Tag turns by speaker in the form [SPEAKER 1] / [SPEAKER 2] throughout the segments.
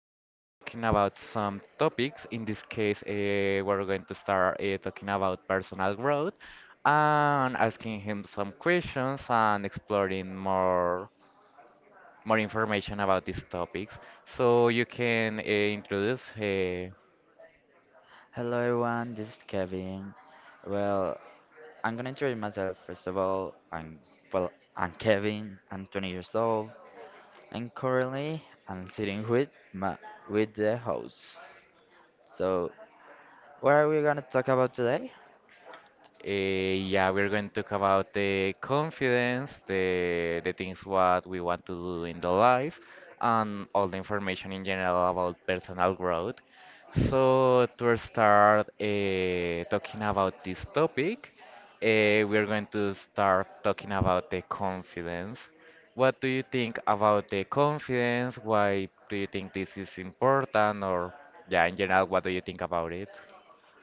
[SPEAKER 1] start talking about some topics. In this case, we're going to start talking about personal growth and asking him some questions and exploring more information about these topics. So you can introduce
[SPEAKER 2] Hello everyone, this is Kevin. Well, I'm gonna introduce myself first of all. I'm well, I'm Kevin. I'm 20 years old, and currently I'm sitting with my with the host. So, what are we gonna talk about today?
[SPEAKER 1] Yeah, we're going to talk about the confidence, the things what we want to do in the life, and all the information in general about personal growth. So to start talking about this topic, we're going to start talking about the confidence. What do you think about the confidence? Why do you think this is important? Or yeah, in general, what do you think about it?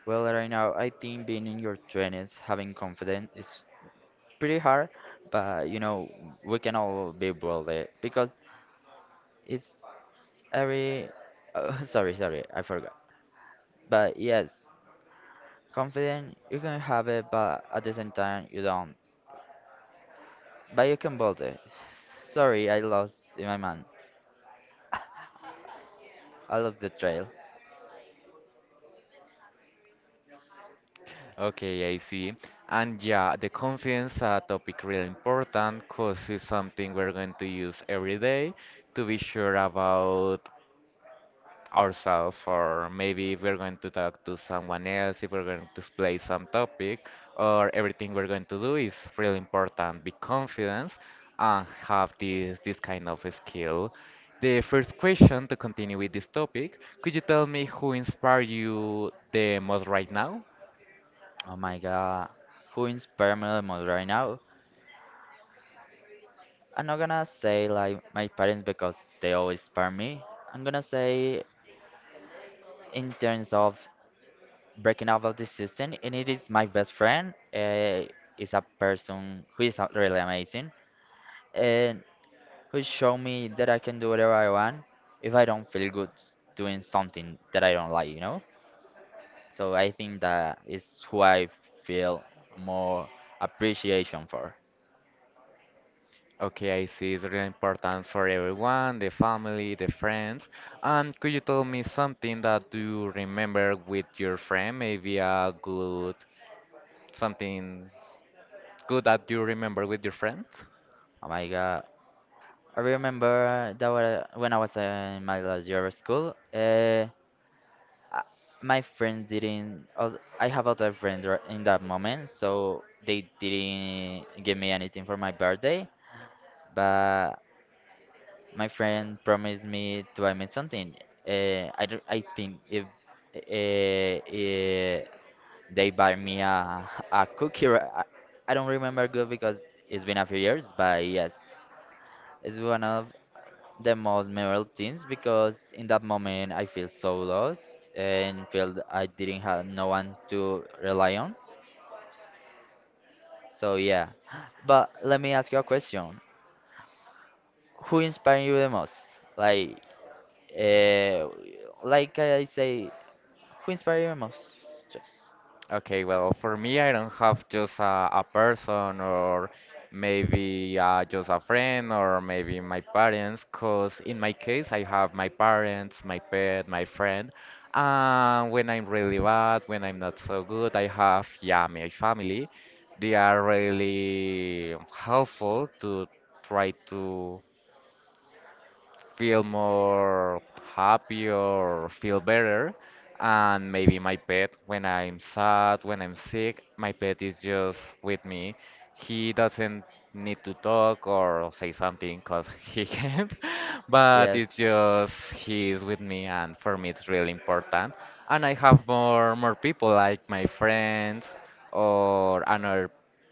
[SPEAKER 2] Well, right now I think being in your 20s, having confidence is pretty hard, but you know we can all be bold there because it's every. Oh, sorry, I forgot. But yes, confident, you can have it, but at the same time, you don't. But you can build it. Sorry, I lost in my mind. I lost the trail.
[SPEAKER 1] Okay, I see. And yeah, the confidence topic really important because it's something we're going to use every day to be sure about ourselves, or maybe if we're going to talk to someone else, if we're going to explain some topic, or everything we're going to do is really important. Be confident and have this kind of skill. The first question to continue with this topic, could you tell me who inspired you the most right now?
[SPEAKER 2] Oh my god. Who inspire me the most right now? I'm not gonna say like my parents because they always inspire me. I'm gonna say in terms of breaking out of this season, and it is my best friend. Is a person who is really amazing and who showed me that I can do whatever I want if I don't feel good doing something that I don't like, you know? So I think that is who I feel more appreciation for.
[SPEAKER 1] Okay, I see. It's really important for everyone, the family, the friends. And could you tell me something that you remember with your friend? Maybe a good, something good that you remember with your friend?
[SPEAKER 2] Oh my God. I remember that when I was in my last year of school, I- my friends didn't. I have other friends in that moment, so they didn't give me anything for my birthday. But my friend promised me to buy me something. I think if uh, they buy me a cookie. I don't remember good because it's been a few years, but yes, it's one of the most memorable things because in that moment I feel so lost and felt I didn't have no one to rely on. So yeah, but let me ask you a question: who inspired you the most? Like, uh, like I say, who inspired you the most? Just
[SPEAKER 1] Okay, well, for me, I don't have just a person or maybe just a friend or maybe my parents, because in my case, I have my parents, my pet, my friend. And when I'm really bad, when I'm not so good, I have, yeah, my family. They are really helpful to try to feel more happy or feel better. And maybe my pet, when I'm sad, when I'm sick, my pet is just with me. He doesn't need to talk or say something because he can't, but it's
[SPEAKER 2] yes.
[SPEAKER 1] just he is with me, and for me it's really important. And I have more people like my friends or another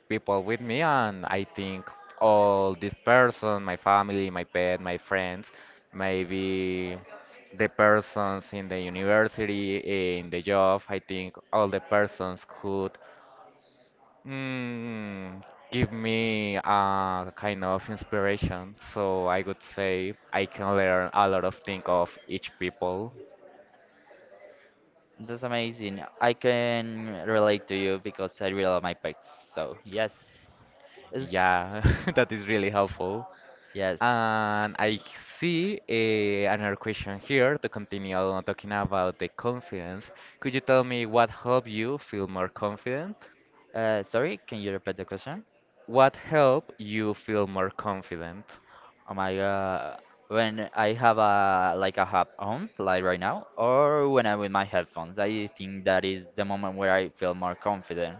[SPEAKER 1] people with me, and I think all this person, my family, my pet, my friends, maybe the persons in the university, in the job. I think all the persons could mm, give me a kind of inspiration. So I would say I can learn a lot of things of each people.
[SPEAKER 2] That's amazing. I can relate to you because I really love my pets. So yes, it's
[SPEAKER 1] Yeah, that is really helpful.
[SPEAKER 2] yes.
[SPEAKER 1] And I see another question here to continue on talking about the confidence. Could you tell me what helped you feel more confident?
[SPEAKER 2] Sorry, can you repeat the question?
[SPEAKER 1] What help you feel more confident?
[SPEAKER 2] Oh my god. When I have a like a hub on, like right now, or when I'm with my headphones, I think that is the moment where I feel more confident.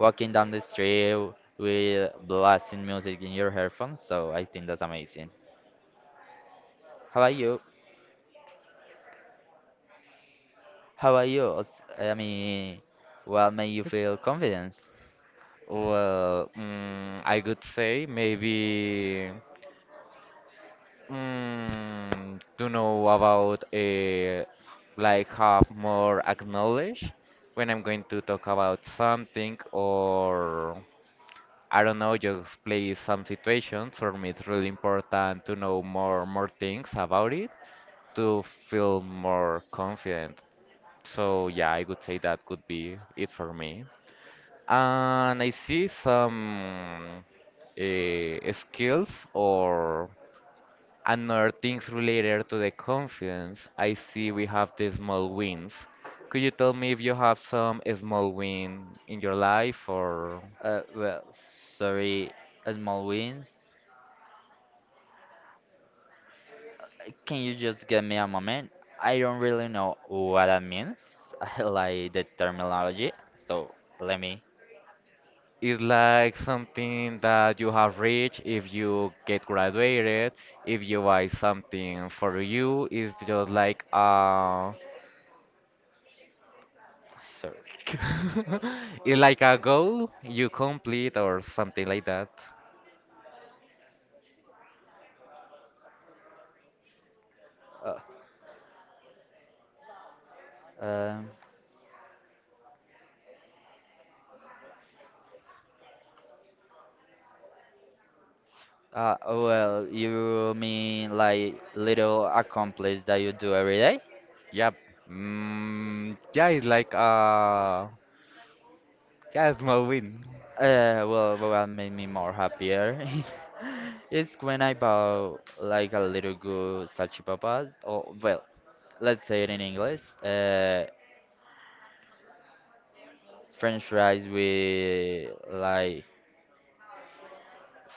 [SPEAKER 2] Walking down the street with blasting music in your headphones, so I think that's amazing. How about you? How about you? I mean, what made you feel confidence?
[SPEAKER 1] Well, I could say maybe to know about like have more acknowledge when I'm going to talk about something or I don't know, just play some situations. For me, it's really important to know more things about it to feel more confident. So yeah, I would say that could be it for me. Ah, and I see some skills or another things related to the confidence. I see we have the small wins. Could you tell me if you have some small win in your life or
[SPEAKER 2] Uh, well, sorry, small wins. Can you just give me a moment? I don't really know what that means. I like the terminology, so let me.
[SPEAKER 1] is like something that you have reached if you get graduated, if you buy something for you, is just like a
[SPEAKER 2] Sorry.
[SPEAKER 1] it's like a goal you complete or something like that.
[SPEAKER 2] Uh, um. Well, you mean like little accomplice that you do every day?
[SPEAKER 1] Yep. Yeah, it's like yeah, a small win.
[SPEAKER 2] What made me more happier is when I bought like a little good salchipapas, or well, let's say it in English, French fries with like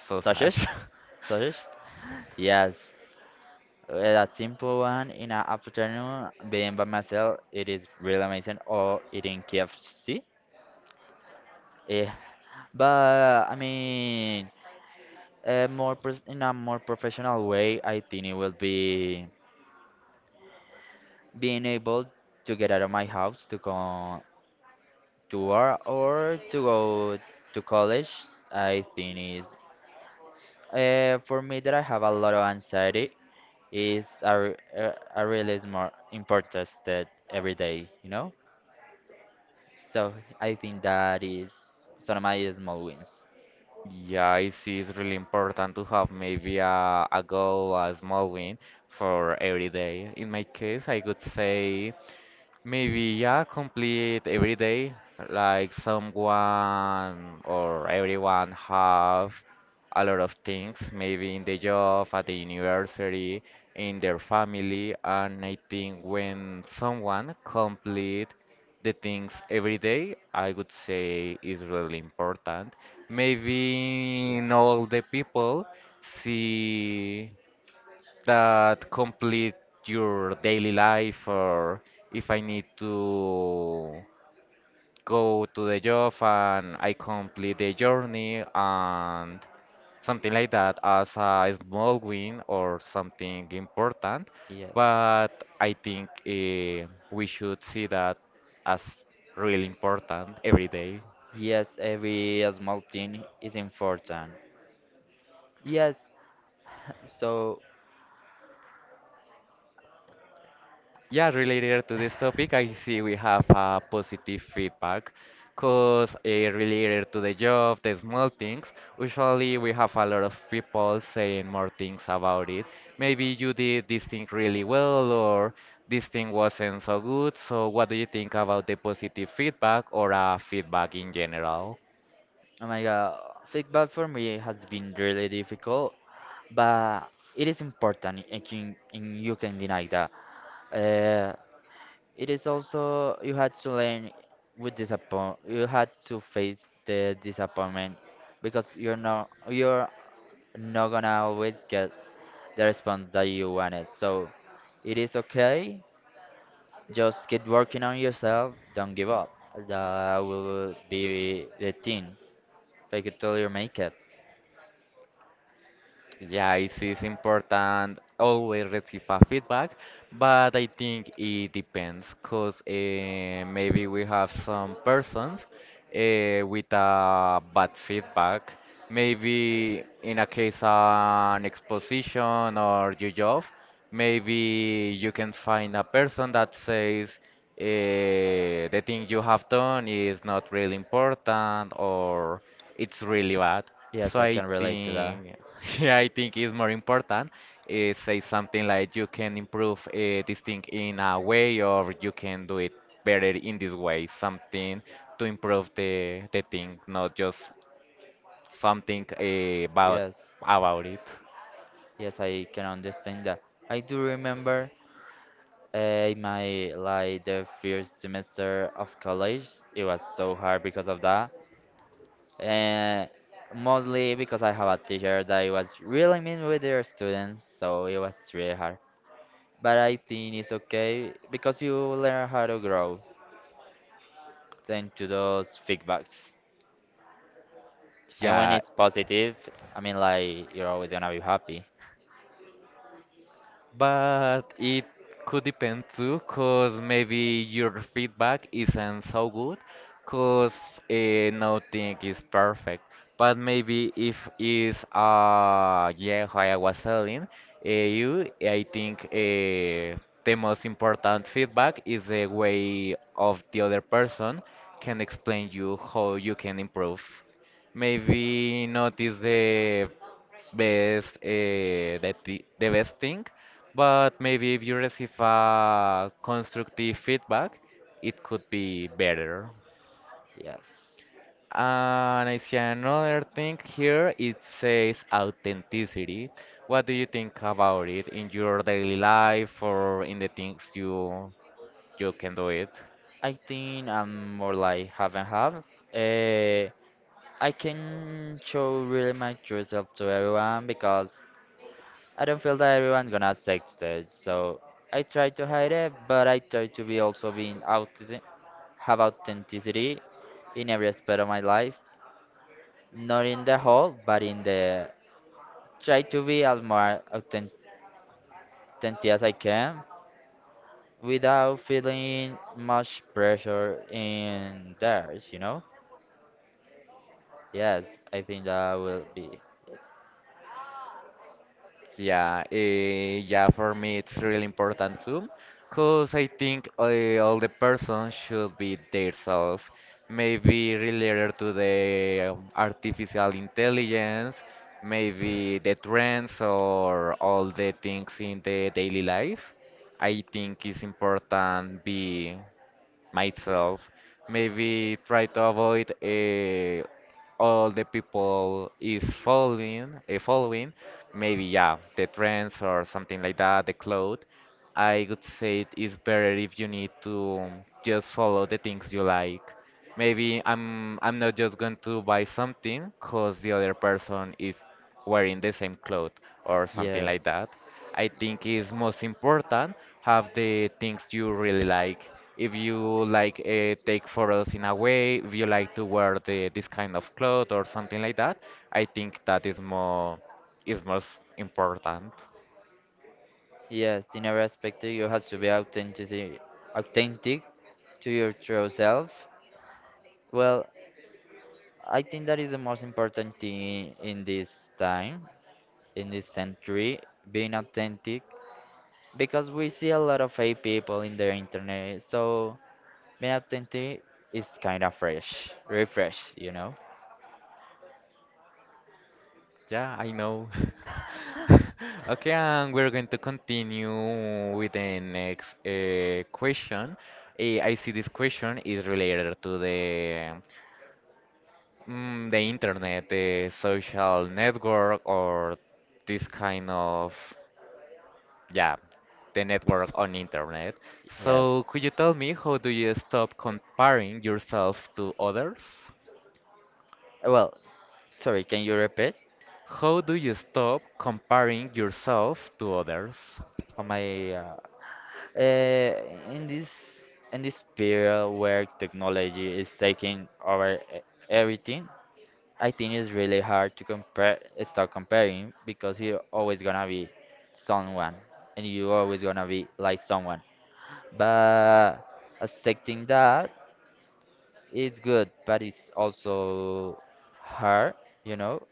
[SPEAKER 1] So sad.
[SPEAKER 2] sausages, sausages. Yes, that simple one in an afternoon, being by myself, it is really amazing. Or eating KFC. Eh, but I mean, in a more professional way, I think it will be being able to get out of my house to go to work or to go to college. I think is for me that I have a lot of anxiety is a really more important step every day, you know? So I think that is some of my small wins.
[SPEAKER 1] Yeah, I see it's really important to have maybe a goal, a small win for every day. In my case, I could say maybe, yeah, complete every day, like someone or everyone have a lot of things, maybe in the job, at the university, in their family, and I think when someone complete the things every day, I would say is really important. Maybe not all the people see that complete your daily life or if I need to go to the job and I complete the journey and something like that as a small win or something important.
[SPEAKER 2] Yes.
[SPEAKER 1] But I think we should see that as really important every day.
[SPEAKER 2] Yes, every small thing is important. Yes. So,
[SPEAKER 1] Yeah, related to this topic, I see we have a positive feedback because related to the job, the small things, usually we have a lot of people saying more things about it. Maybe you did this thing really well or this thing wasn't so good. So what do you think about the positive feedback or feedback in general?
[SPEAKER 2] oh my God, feedback for me has been really difficult, but it is important. And you can deny that. Uh, It is also you had to learn with disappoint. You had to face the disappointment because you're not gonna always get the response that you wanted. So it is okay. Just keep working on yourself. Don't give up. That will be the thing. Fake it till you make it.
[SPEAKER 1] Yeah, it is important always receive a feedback, but I think it depends, cause maybe we have some persons with a bad feedback. Maybe in a case an exposition or your job, maybe you can find a person that says uh, the thing you have done is not really important or it's really bad.
[SPEAKER 2] Yes,
[SPEAKER 1] So
[SPEAKER 2] I
[SPEAKER 1] I
[SPEAKER 2] can relate to that.
[SPEAKER 1] think, yeah, I think it's more important say something like you can improve this thing in a way, or you can do it better in this way. Something to improve the thing, not just something
[SPEAKER 2] Yes,
[SPEAKER 1] about it.
[SPEAKER 2] yes, I can understand that. I do remember in my like the first semester of college, it was so hard because of that, and mostly because I have a teacher that was really mean with their students, so it was really hard. But I think it's okay because you learn how to grow thanks to those feedbacks. And when
[SPEAKER 1] Yeah,
[SPEAKER 2] it's positive, I mean like you're always gonna be happy.
[SPEAKER 1] but it could depend too, because maybe your feedback isn't so good, because nothing is perfect. But maybe if is yeah, how I was telling you, I think the most important feedback is the way of the other person can explain you how you can improve. Maybe not is the best the best thing, but maybe if you receive a constructive feedback, it could be better.
[SPEAKER 2] Yes,
[SPEAKER 1] And I see another thing here. It says authenticity. What do you think about it in your daily life or in the things you can do it?
[SPEAKER 2] I think I'm more like half and half. Uh, I can show really my true self to everyone because I don't feel that everyone gonna accept it. So I try to hide it, but I try to be also being out have authenticity in every aspect of my life, not in the whole, but in the try to be as more authentic as I can without feeling much pressure in theirs. You know? Yes, I think that will be
[SPEAKER 1] Yeah, yeah, for me it's really important too, because I think all the person should be themselves, maybe related to the artificial intelligence, maybe the trends or all the things in the daily life. I think it's important be myself. Maybe try to avoid all the people is following, following. Maybe yeah, the trends or something like that, the cloth. I would say it is better if you need to just follow the things you like. Maybe I'm not just going to buy something because the other person is wearing the same clothes or something
[SPEAKER 2] yes.
[SPEAKER 1] like that. I think it's most important have the things you really like. If you like take photos in a way, if you like to wear the this kind of clothes or something like that, I think that is more is most important.
[SPEAKER 2] Yes, in every aspect you have to be authentic to your true self. Well, I think that is the most important thing in this time, in this century, being authentic, because we see a lot of fake people in the internet. So being authentic is kind of fresh, refresh, you know?
[SPEAKER 1] Yeah, I know. Okay, and we're going to continue with the next question. I see this question is related to the the internet, the social network, or this kind of yeah, the network on internet. So,
[SPEAKER 2] Yes.
[SPEAKER 1] could you tell me how do you stop comparing yourself to others?
[SPEAKER 2] Well, sorry, can you repeat
[SPEAKER 1] How do you stop comparing yourself to others?
[SPEAKER 2] on my Uh, in this period where technology is taking over everything, I think it's really hard to compare start comparing because you're always gonna be someone and you're always gonna be like someone. But accepting that is good, but it's also hard, you know?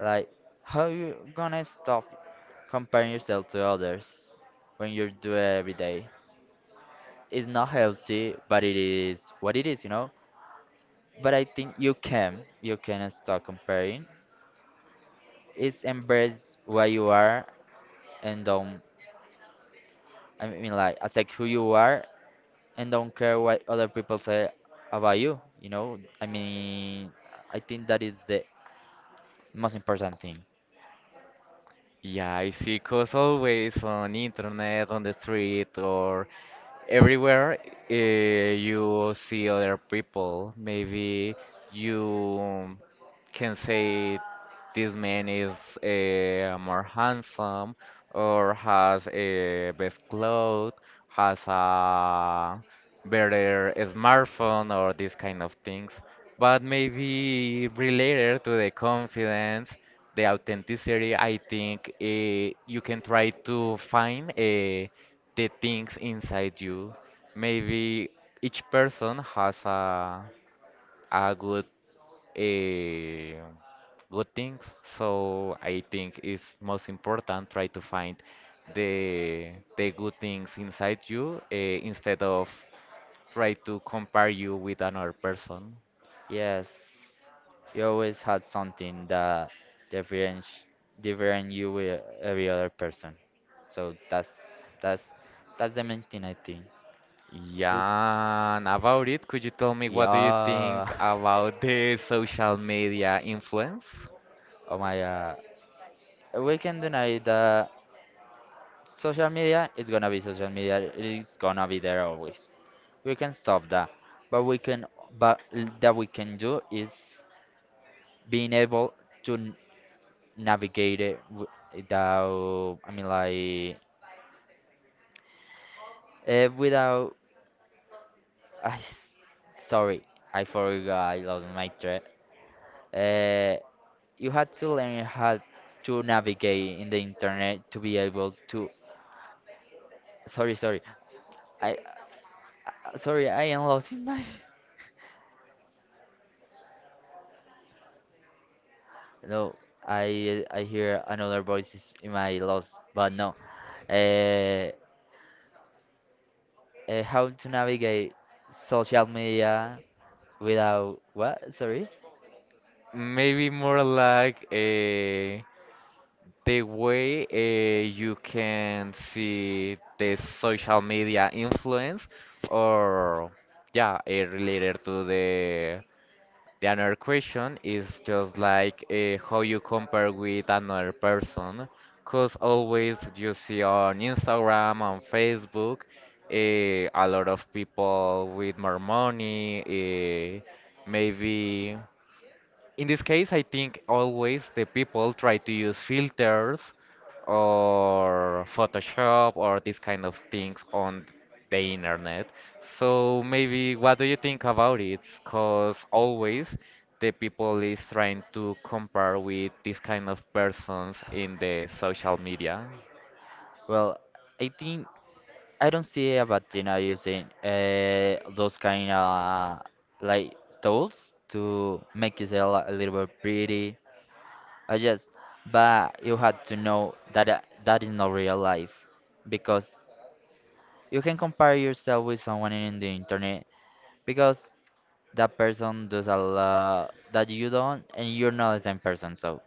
[SPEAKER 2] Like how you gonna stop comparing yourself to others when you do it every day? It's not healthy, but it is what it is, you know. But I think you can start comparing. It's embrace what you are and don't. I mean, like accept who you are and don't care what other people say about you. You know. I mean, I think that is the most important thing.
[SPEAKER 1] Yeah, I see. Cause always on internet, on the street, or everywhere you see other people. Maybe you can say this man is more handsome or has a best clothes, has a better smartphone or these kind of things. But maybe related to the confidence, the authenticity, I think you can try to find a the things inside you. Maybe each person has a good a good things. So I think it's most important try to find the good things inside you instead of try to compare you with another person.
[SPEAKER 2] Yes, you always had something that different different you with every other person. So that's that's the main thing I think.
[SPEAKER 1] Yeah, and about it, could you tell me what do you
[SPEAKER 2] Yeah.
[SPEAKER 1] think about the social media influence?
[SPEAKER 2] Oh my God. We can deny that social media is gonna be social media. It's gonna be there always. We can stop that. But we can, but that we can do is being able to navigate it without, I mean, like, without, I s- sorry, I forgot, I lost my thread. Uh, you had to learn how to navigate in the internet to be able to, sorry, sorry. I sorry, I am lost in my. No, I hear another voices in my lost, but no. Uh, how to navigate social media without what? Sorry.
[SPEAKER 1] Maybe more like the way you can see the social media influence or yeah related to the another question is just like how you compare with another person because always you see on Instagram on Facebook a lot of people with more money maybe in this case, I think always the people try to use filters or Photoshop or these kind of things on the internet. So maybe what do you think about it? Because always the people is trying to compare with this kind of persons in the social media.
[SPEAKER 2] Well, I think I don't see a bad thing are using those kind of like tools to make yourself a little bit pretty. I just, but you have to know that that is not real life because you can compare yourself with someone in the internet because that person does a lot that you don't and you're not the same person so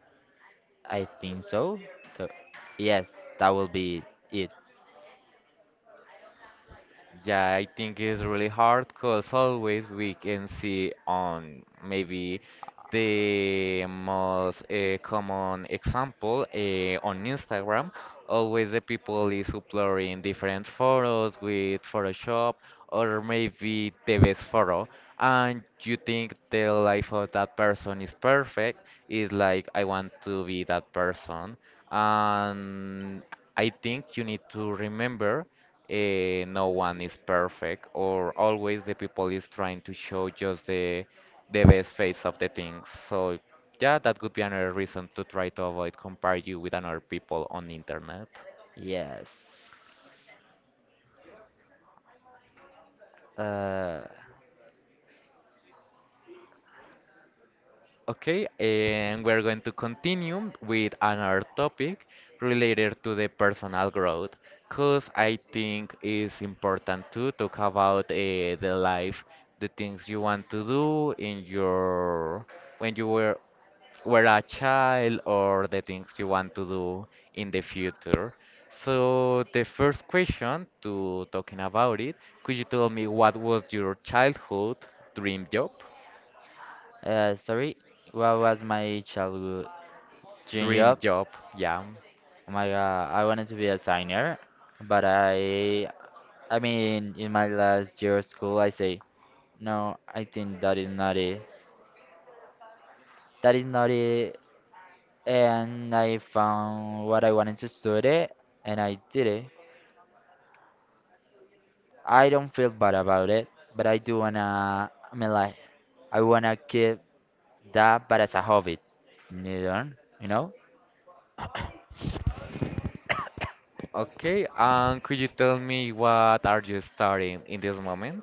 [SPEAKER 2] I think so yes that will be it
[SPEAKER 1] Yeah, I think it's really hard because always we can see on maybe the most common example on Instagram, always the people is uploading different photos with Photoshop or maybe the best photo, and you think the life of that person is perfect. Is like I want to be that person, and I think you need to remember no one is perfect or always the people is trying to show just the best face of the things, so yeah, that could be another reason to try to avoid compare you with another people on internet.
[SPEAKER 2] yes uh,
[SPEAKER 1] Okay, and we're going to continue with another topic related to the personal growth because I think it's important to talk about the life, the things you want to do in your when you were a child, or the things you want to do in the future. So the first question to talking about it, could you tell me what was your childhood dream job?
[SPEAKER 2] sorry, what was my childhood dream
[SPEAKER 1] Dream
[SPEAKER 2] job?
[SPEAKER 1] job, yeah.
[SPEAKER 2] Oh my god, I wanted to be a signer, but I mean in my last year of school I say no, I think that is not it, that is not it and I found what I wanted to study and I did it. I don't feel bad about it, but I do wanna, I mean, like, I wanna keep that, but as a hobby, neither, you know?
[SPEAKER 1] Okay, and could you tell me what are you studying in this moment?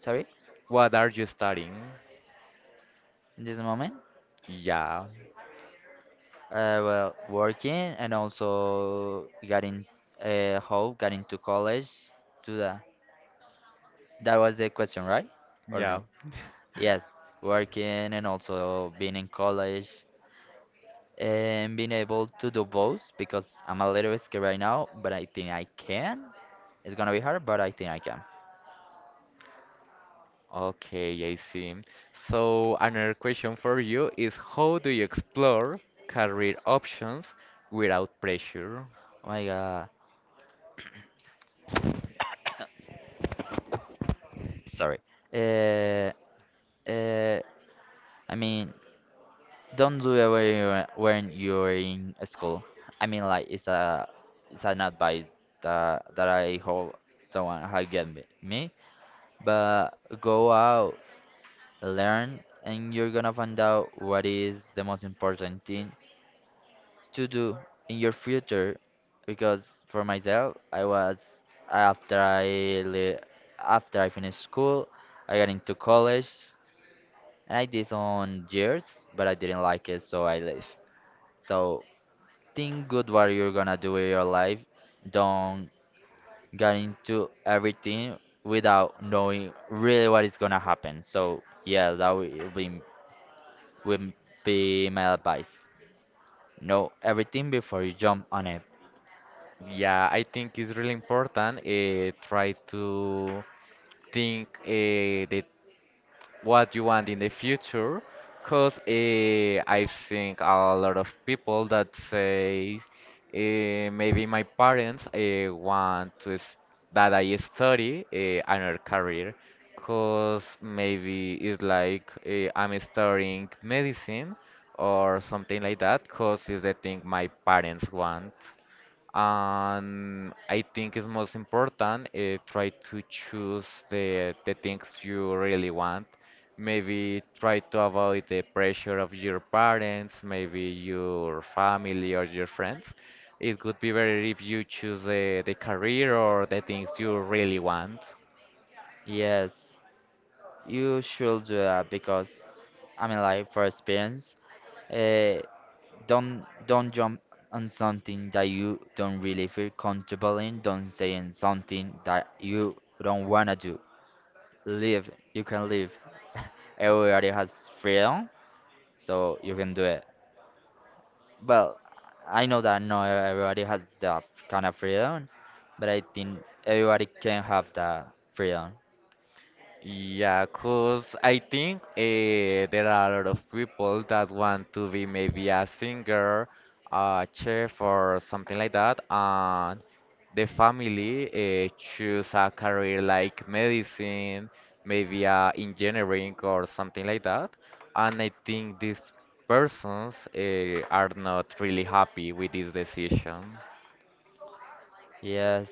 [SPEAKER 2] Sorry,
[SPEAKER 1] What are you studying?
[SPEAKER 2] in this moment.
[SPEAKER 1] Yeah,
[SPEAKER 2] Working and also getting getting to college, to the, that was the question, right? Or
[SPEAKER 1] yeah.
[SPEAKER 2] no? Yes, working and also being in college and being able to do both because I'm a little scared right now, but I think I can. It's gonna be hard, but I think I can.
[SPEAKER 1] Okay, I see. So another question for you is how do you explore career options without pressure?
[SPEAKER 2] Oh my god, sorry. Uh, uh, I mean, don't do it when you're in school. I mean, like it's an advice that I hope someone has given me. But go out, learn, and you're gonna find out what is the most important thing to do in your future? Because for myself, I was after I li- after I finished school, I got into college and I did some years, but I didn't like it, so I left. So think good what you're gonna do with your life. Don't get into everything without knowing really what is gonna happen. So yeah, that will be my advice. Know everything before you jump on it.
[SPEAKER 1] Yeah, I think it's really important try to think the what you want in the future because I've seen a lot of people that say maybe my parents that I study another career because maybe it's like I'm studying medicine or something like that because it's the thing my parents want. And I think it's most important try to choose the things you really want. Maybe try to avoid the pressure of your parents, maybe your family or your friends. It would be better if you choose the career or the things you really want.
[SPEAKER 2] Yes. You should do that because, I mean, like for experience, uh, don't jump on something that you don't really feel comfortable in. Don't say in something that you don't wanna do. Live. You can live. Everybody has freedom, so you can do it. Well, I know that not everybody has that kind of freedom, but I think everybody can have that freedom.
[SPEAKER 1] Yeah, cause I think there are a lot of people that want to be maybe a singer, a chef, or something like that, and the family choose a career like medicine, maybe engineering or something like that, and I think these persons are not really happy with this decision.
[SPEAKER 2] Yes.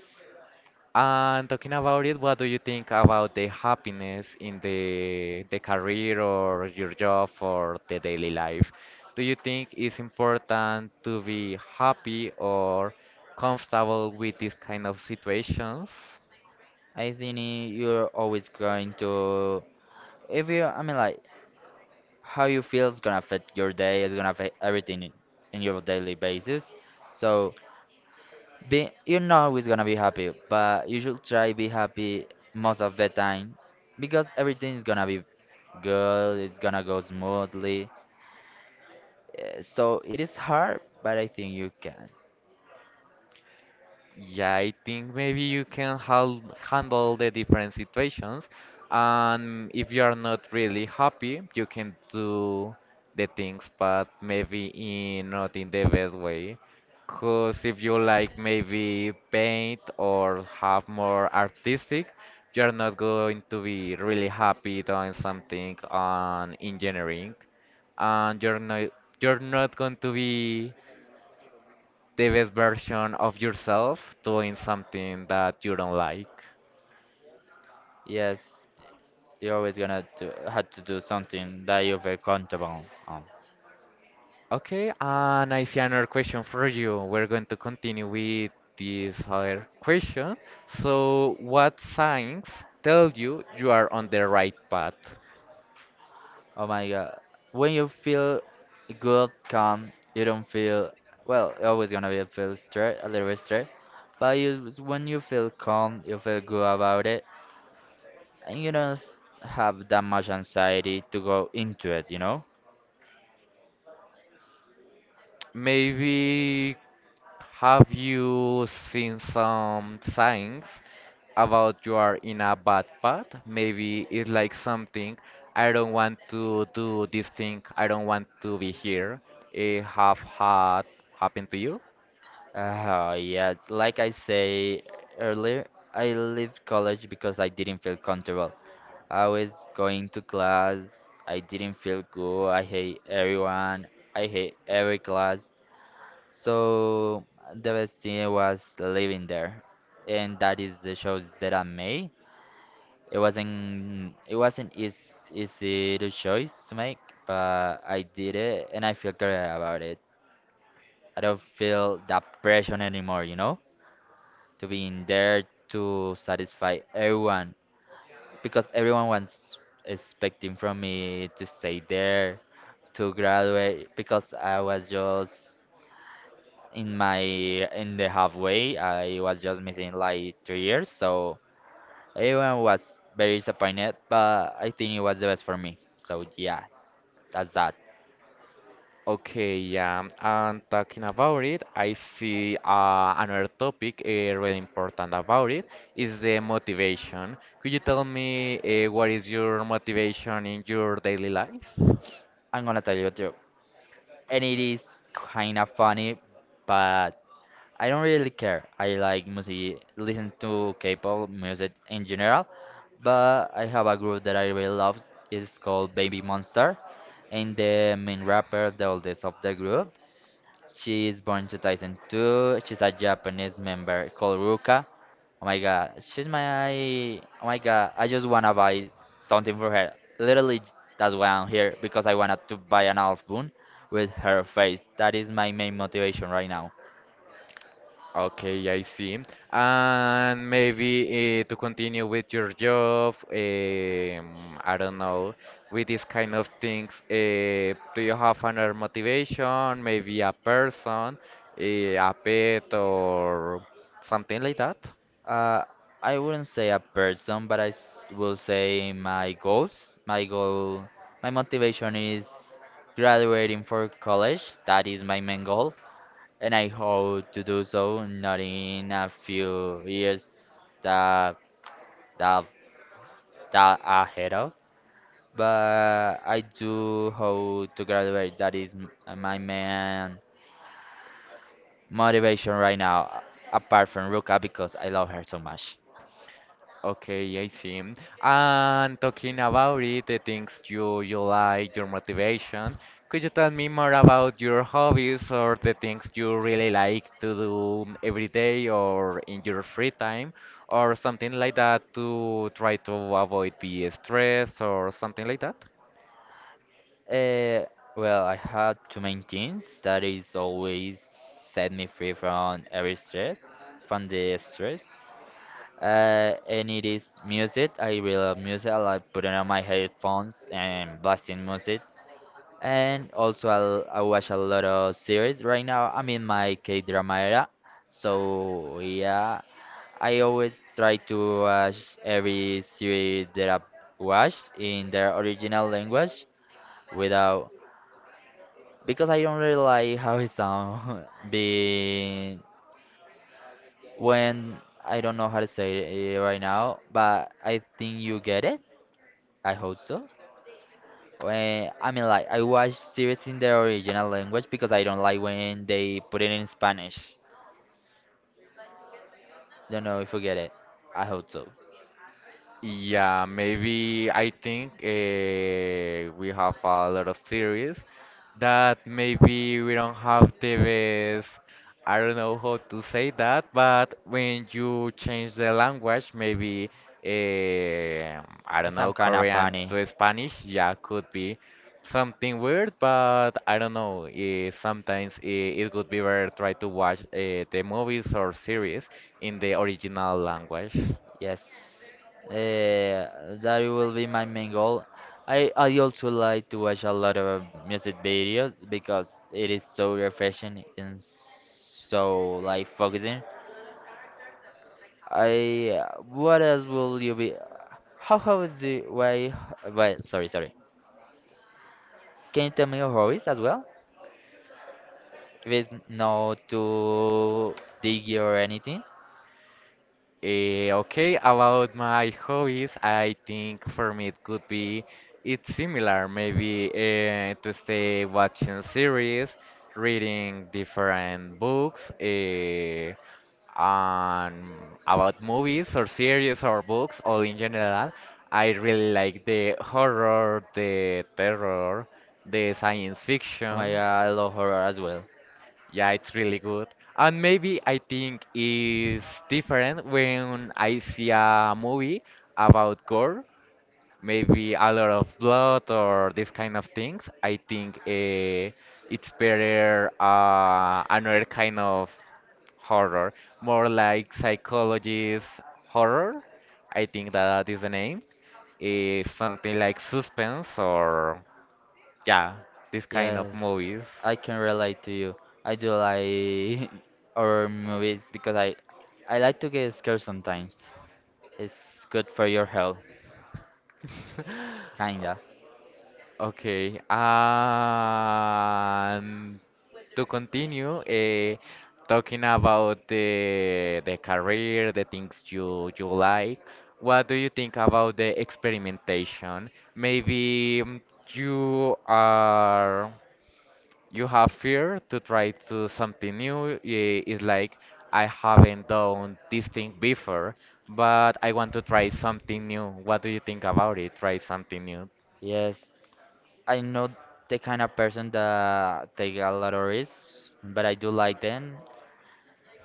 [SPEAKER 1] And talking about it, what do you think about the happiness in the career or your job or the daily life? Do you think it's important to be happy or comfortable with these kind of situations?
[SPEAKER 2] I think you're always going to, if you, I mean, like, how you feel is gonna affect your day, it's gonna affect everything in your daily basis. So, you're not always gonna be happy, but you should try be happy most of the time because everything is gonna be good, it's gonna go smoothly. So, it is hard, but I think you can.
[SPEAKER 1] Yeah, I think maybe you can handle the different situations, and if you are not really happy, you can do the things, but maybe in not in the best way. Cause if you like maybe paint or have more artistic, you're not going to be really happy doing something on engineering, and you're not going to be the best version of yourself doing something that you don't like.
[SPEAKER 2] Yes, you're always have to do something that you feel comfortable on.
[SPEAKER 1] Okay, and I see another question for you. We're going to continue with this other question. So, what signs tell you you are on the right path?
[SPEAKER 2] Oh my god. When you feel good, calm, you don't feel well, you're always gonna be a feel stress a little bit stressed. But you when you feel calm, you feel good about it and you don't have that much anxiety to go into it, you know?
[SPEAKER 1] Maybe have you seen some signs about you are in a bad path. Maybe it's like something I don't want to do this thing. I don't want to be here. It have had happened to you?
[SPEAKER 2] Oh yes, like I say earlier, I left college because I didn't feel comfortable. I was going to class, I didn't feel good, I hate everyone, I hate every class. So the best thing was living there, and that is the choice that I made. It wasn't easy, the choice to make, but I did it, and I feel great about it. I don't feel that pressure anymore, you know, to be in there to satisfy everyone because everyone was expecting from me to stay there to graduate because I was just in the halfway. I was just missing like 3 years, so everyone was very disappointed, but I think it was the best for me, so yeah, that's that.
[SPEAKER 1] Okay, yeah. And talking about it, I see another topic really important about it is the motivation. Could you tell me what is your motivation in your daily life?
[SPEAKER 2] I'm gonna tell you too, and it is kind of funny, but I don't really care. I like music, listen to K-pop music in general, but I have a group that I really love. It's called Baby Monster, and the main rapper, the oldest of the group, she is born 2002. She's a Japanese member called Ruka. Oh my god, she's my. Oh my god, I just wanna buy something for her. Literally, that's why I'm here, because I wanted to buy an album with her face. That is my main motivation right now.
[SPEAKER 1] Okay, I see. And maybe to continue with your job, I don't know, with these kind of things, do you have another motivation? Maybe a person, a pet, or something like that?
[SPEAKER 2] Uh, I wouldn't say a person, but will say my goals. My motivation is graduating for college. That is my main goal. And I hope to do so not in a few years that that that ahead of. But I do hope to graduate. That is my main motivation right now, apart from Ruka, because I love her so much.
[SPEAKER 1] Okay, I see. And talking about it, the things you like, your motivation, could you tell me more about your hobbies or the things you really like to do every day or in your free time or something like that to try to avoid be stressed or something like that?
[SPEAKER 2] Uh, well, I have to maintain. Things that is always set me free from from the stress. And it is music. I really love music. I like putting on my headphones and blasting music. And also, I watch a lot of series. Right now, I'm in my K-drama era. So, yeah, I always try to watch every series that I watch in their original language without. Because I don't really like how it sounds being when I don't know how to say it right now, but I think you get it. I hope so. I mean, like, I watch series in the original language because I don't like when they put it in Spanish. Don't know if you get it. I hope so.
[SPEAKER 1] Yeah, maybe I think we have a lot of series that maybe we don't have the best. I don't know how to say that, but when you change the language, maybe uh, I
[SPEAKER 2] It
[SPEAKER 1] don't know,
[SPEAKER 2] sounds kind of
[SPEAKER 1] Korean
[SPEAKER 2] funny.
[SPEAKER 1] to Spanish, yeah, could be something weird, but I don't know. Sometimes it could be better try to watch the movies or series in the original language.
[SPEAKER 2] Yes. Uh, that will be my main goal. I also like to watch a lot of music videos because it is so refreshing and so like focusing. I what else will you be? How is the why? Wait. Sorry. Can you tell me your hobbies as well? If it's not too diggy or anything.
[SPEAKER 1] Okay, about my hobbies, I think for me it could be it's similar, maybe to stay watching series, reading different books, and about movies or series or books, all in general. I really like the horror, the terror, the science
[SPEAKER 2] Oh my
[SPEAKER 1] fiction.
[SPEAKER 2] god, I love horror as well.
[SPEAKER 1] Yeah, it's really good. And maybe I think it's different when I see a movie about gore, maybe a lot of blood or this kind of things. I think it's better another kind of horror, more like psychologist horror. I think that is the name. Is something like suspense or yeah, this kind of
[SPEAKER 2] Yes,
[SPEAKER 1] movies.
[SPEAKER 2] I can relate to you. I do like horror movies because I like to get scared sometimes. It's good for your health, kinda.
[SPEAKER 1] Okay, and to continue, talking about the career, the things you like, what do you think about the experimentation? Maybe you are you have fear to try to something new. It's like I haven't done this thing before, but I want to try something new. What do you think about it? Try something new.
[SPEAKER 2] Yes, I know the kind of person that take a lot of risks, but I do like them.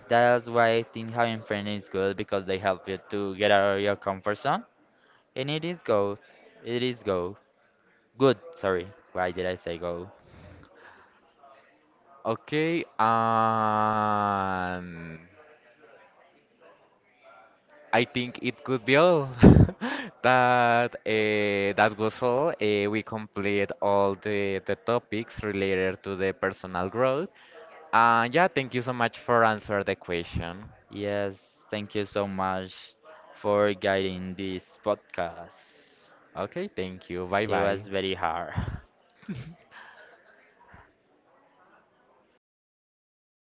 [SPEAKER 2] That's why I think having friends is good because they help you to get out of your comfort zone. And it is go. It is go. Good. Sorry. Why did I say go?
[SPEAKER 1] Okay, and I think it could be all. That that was all. We complete all the topics related to the personal growth. And yeah, thank you so much for answer the question.
[SPEAKER 2] Yes. Thank you so much for guiding this podcast.
[SPEAKER 1] Okay, thank you. Bye
[SPEAKER 2] It
[SPEAKER 1] bye.
[SPEAKER 2] was very hard.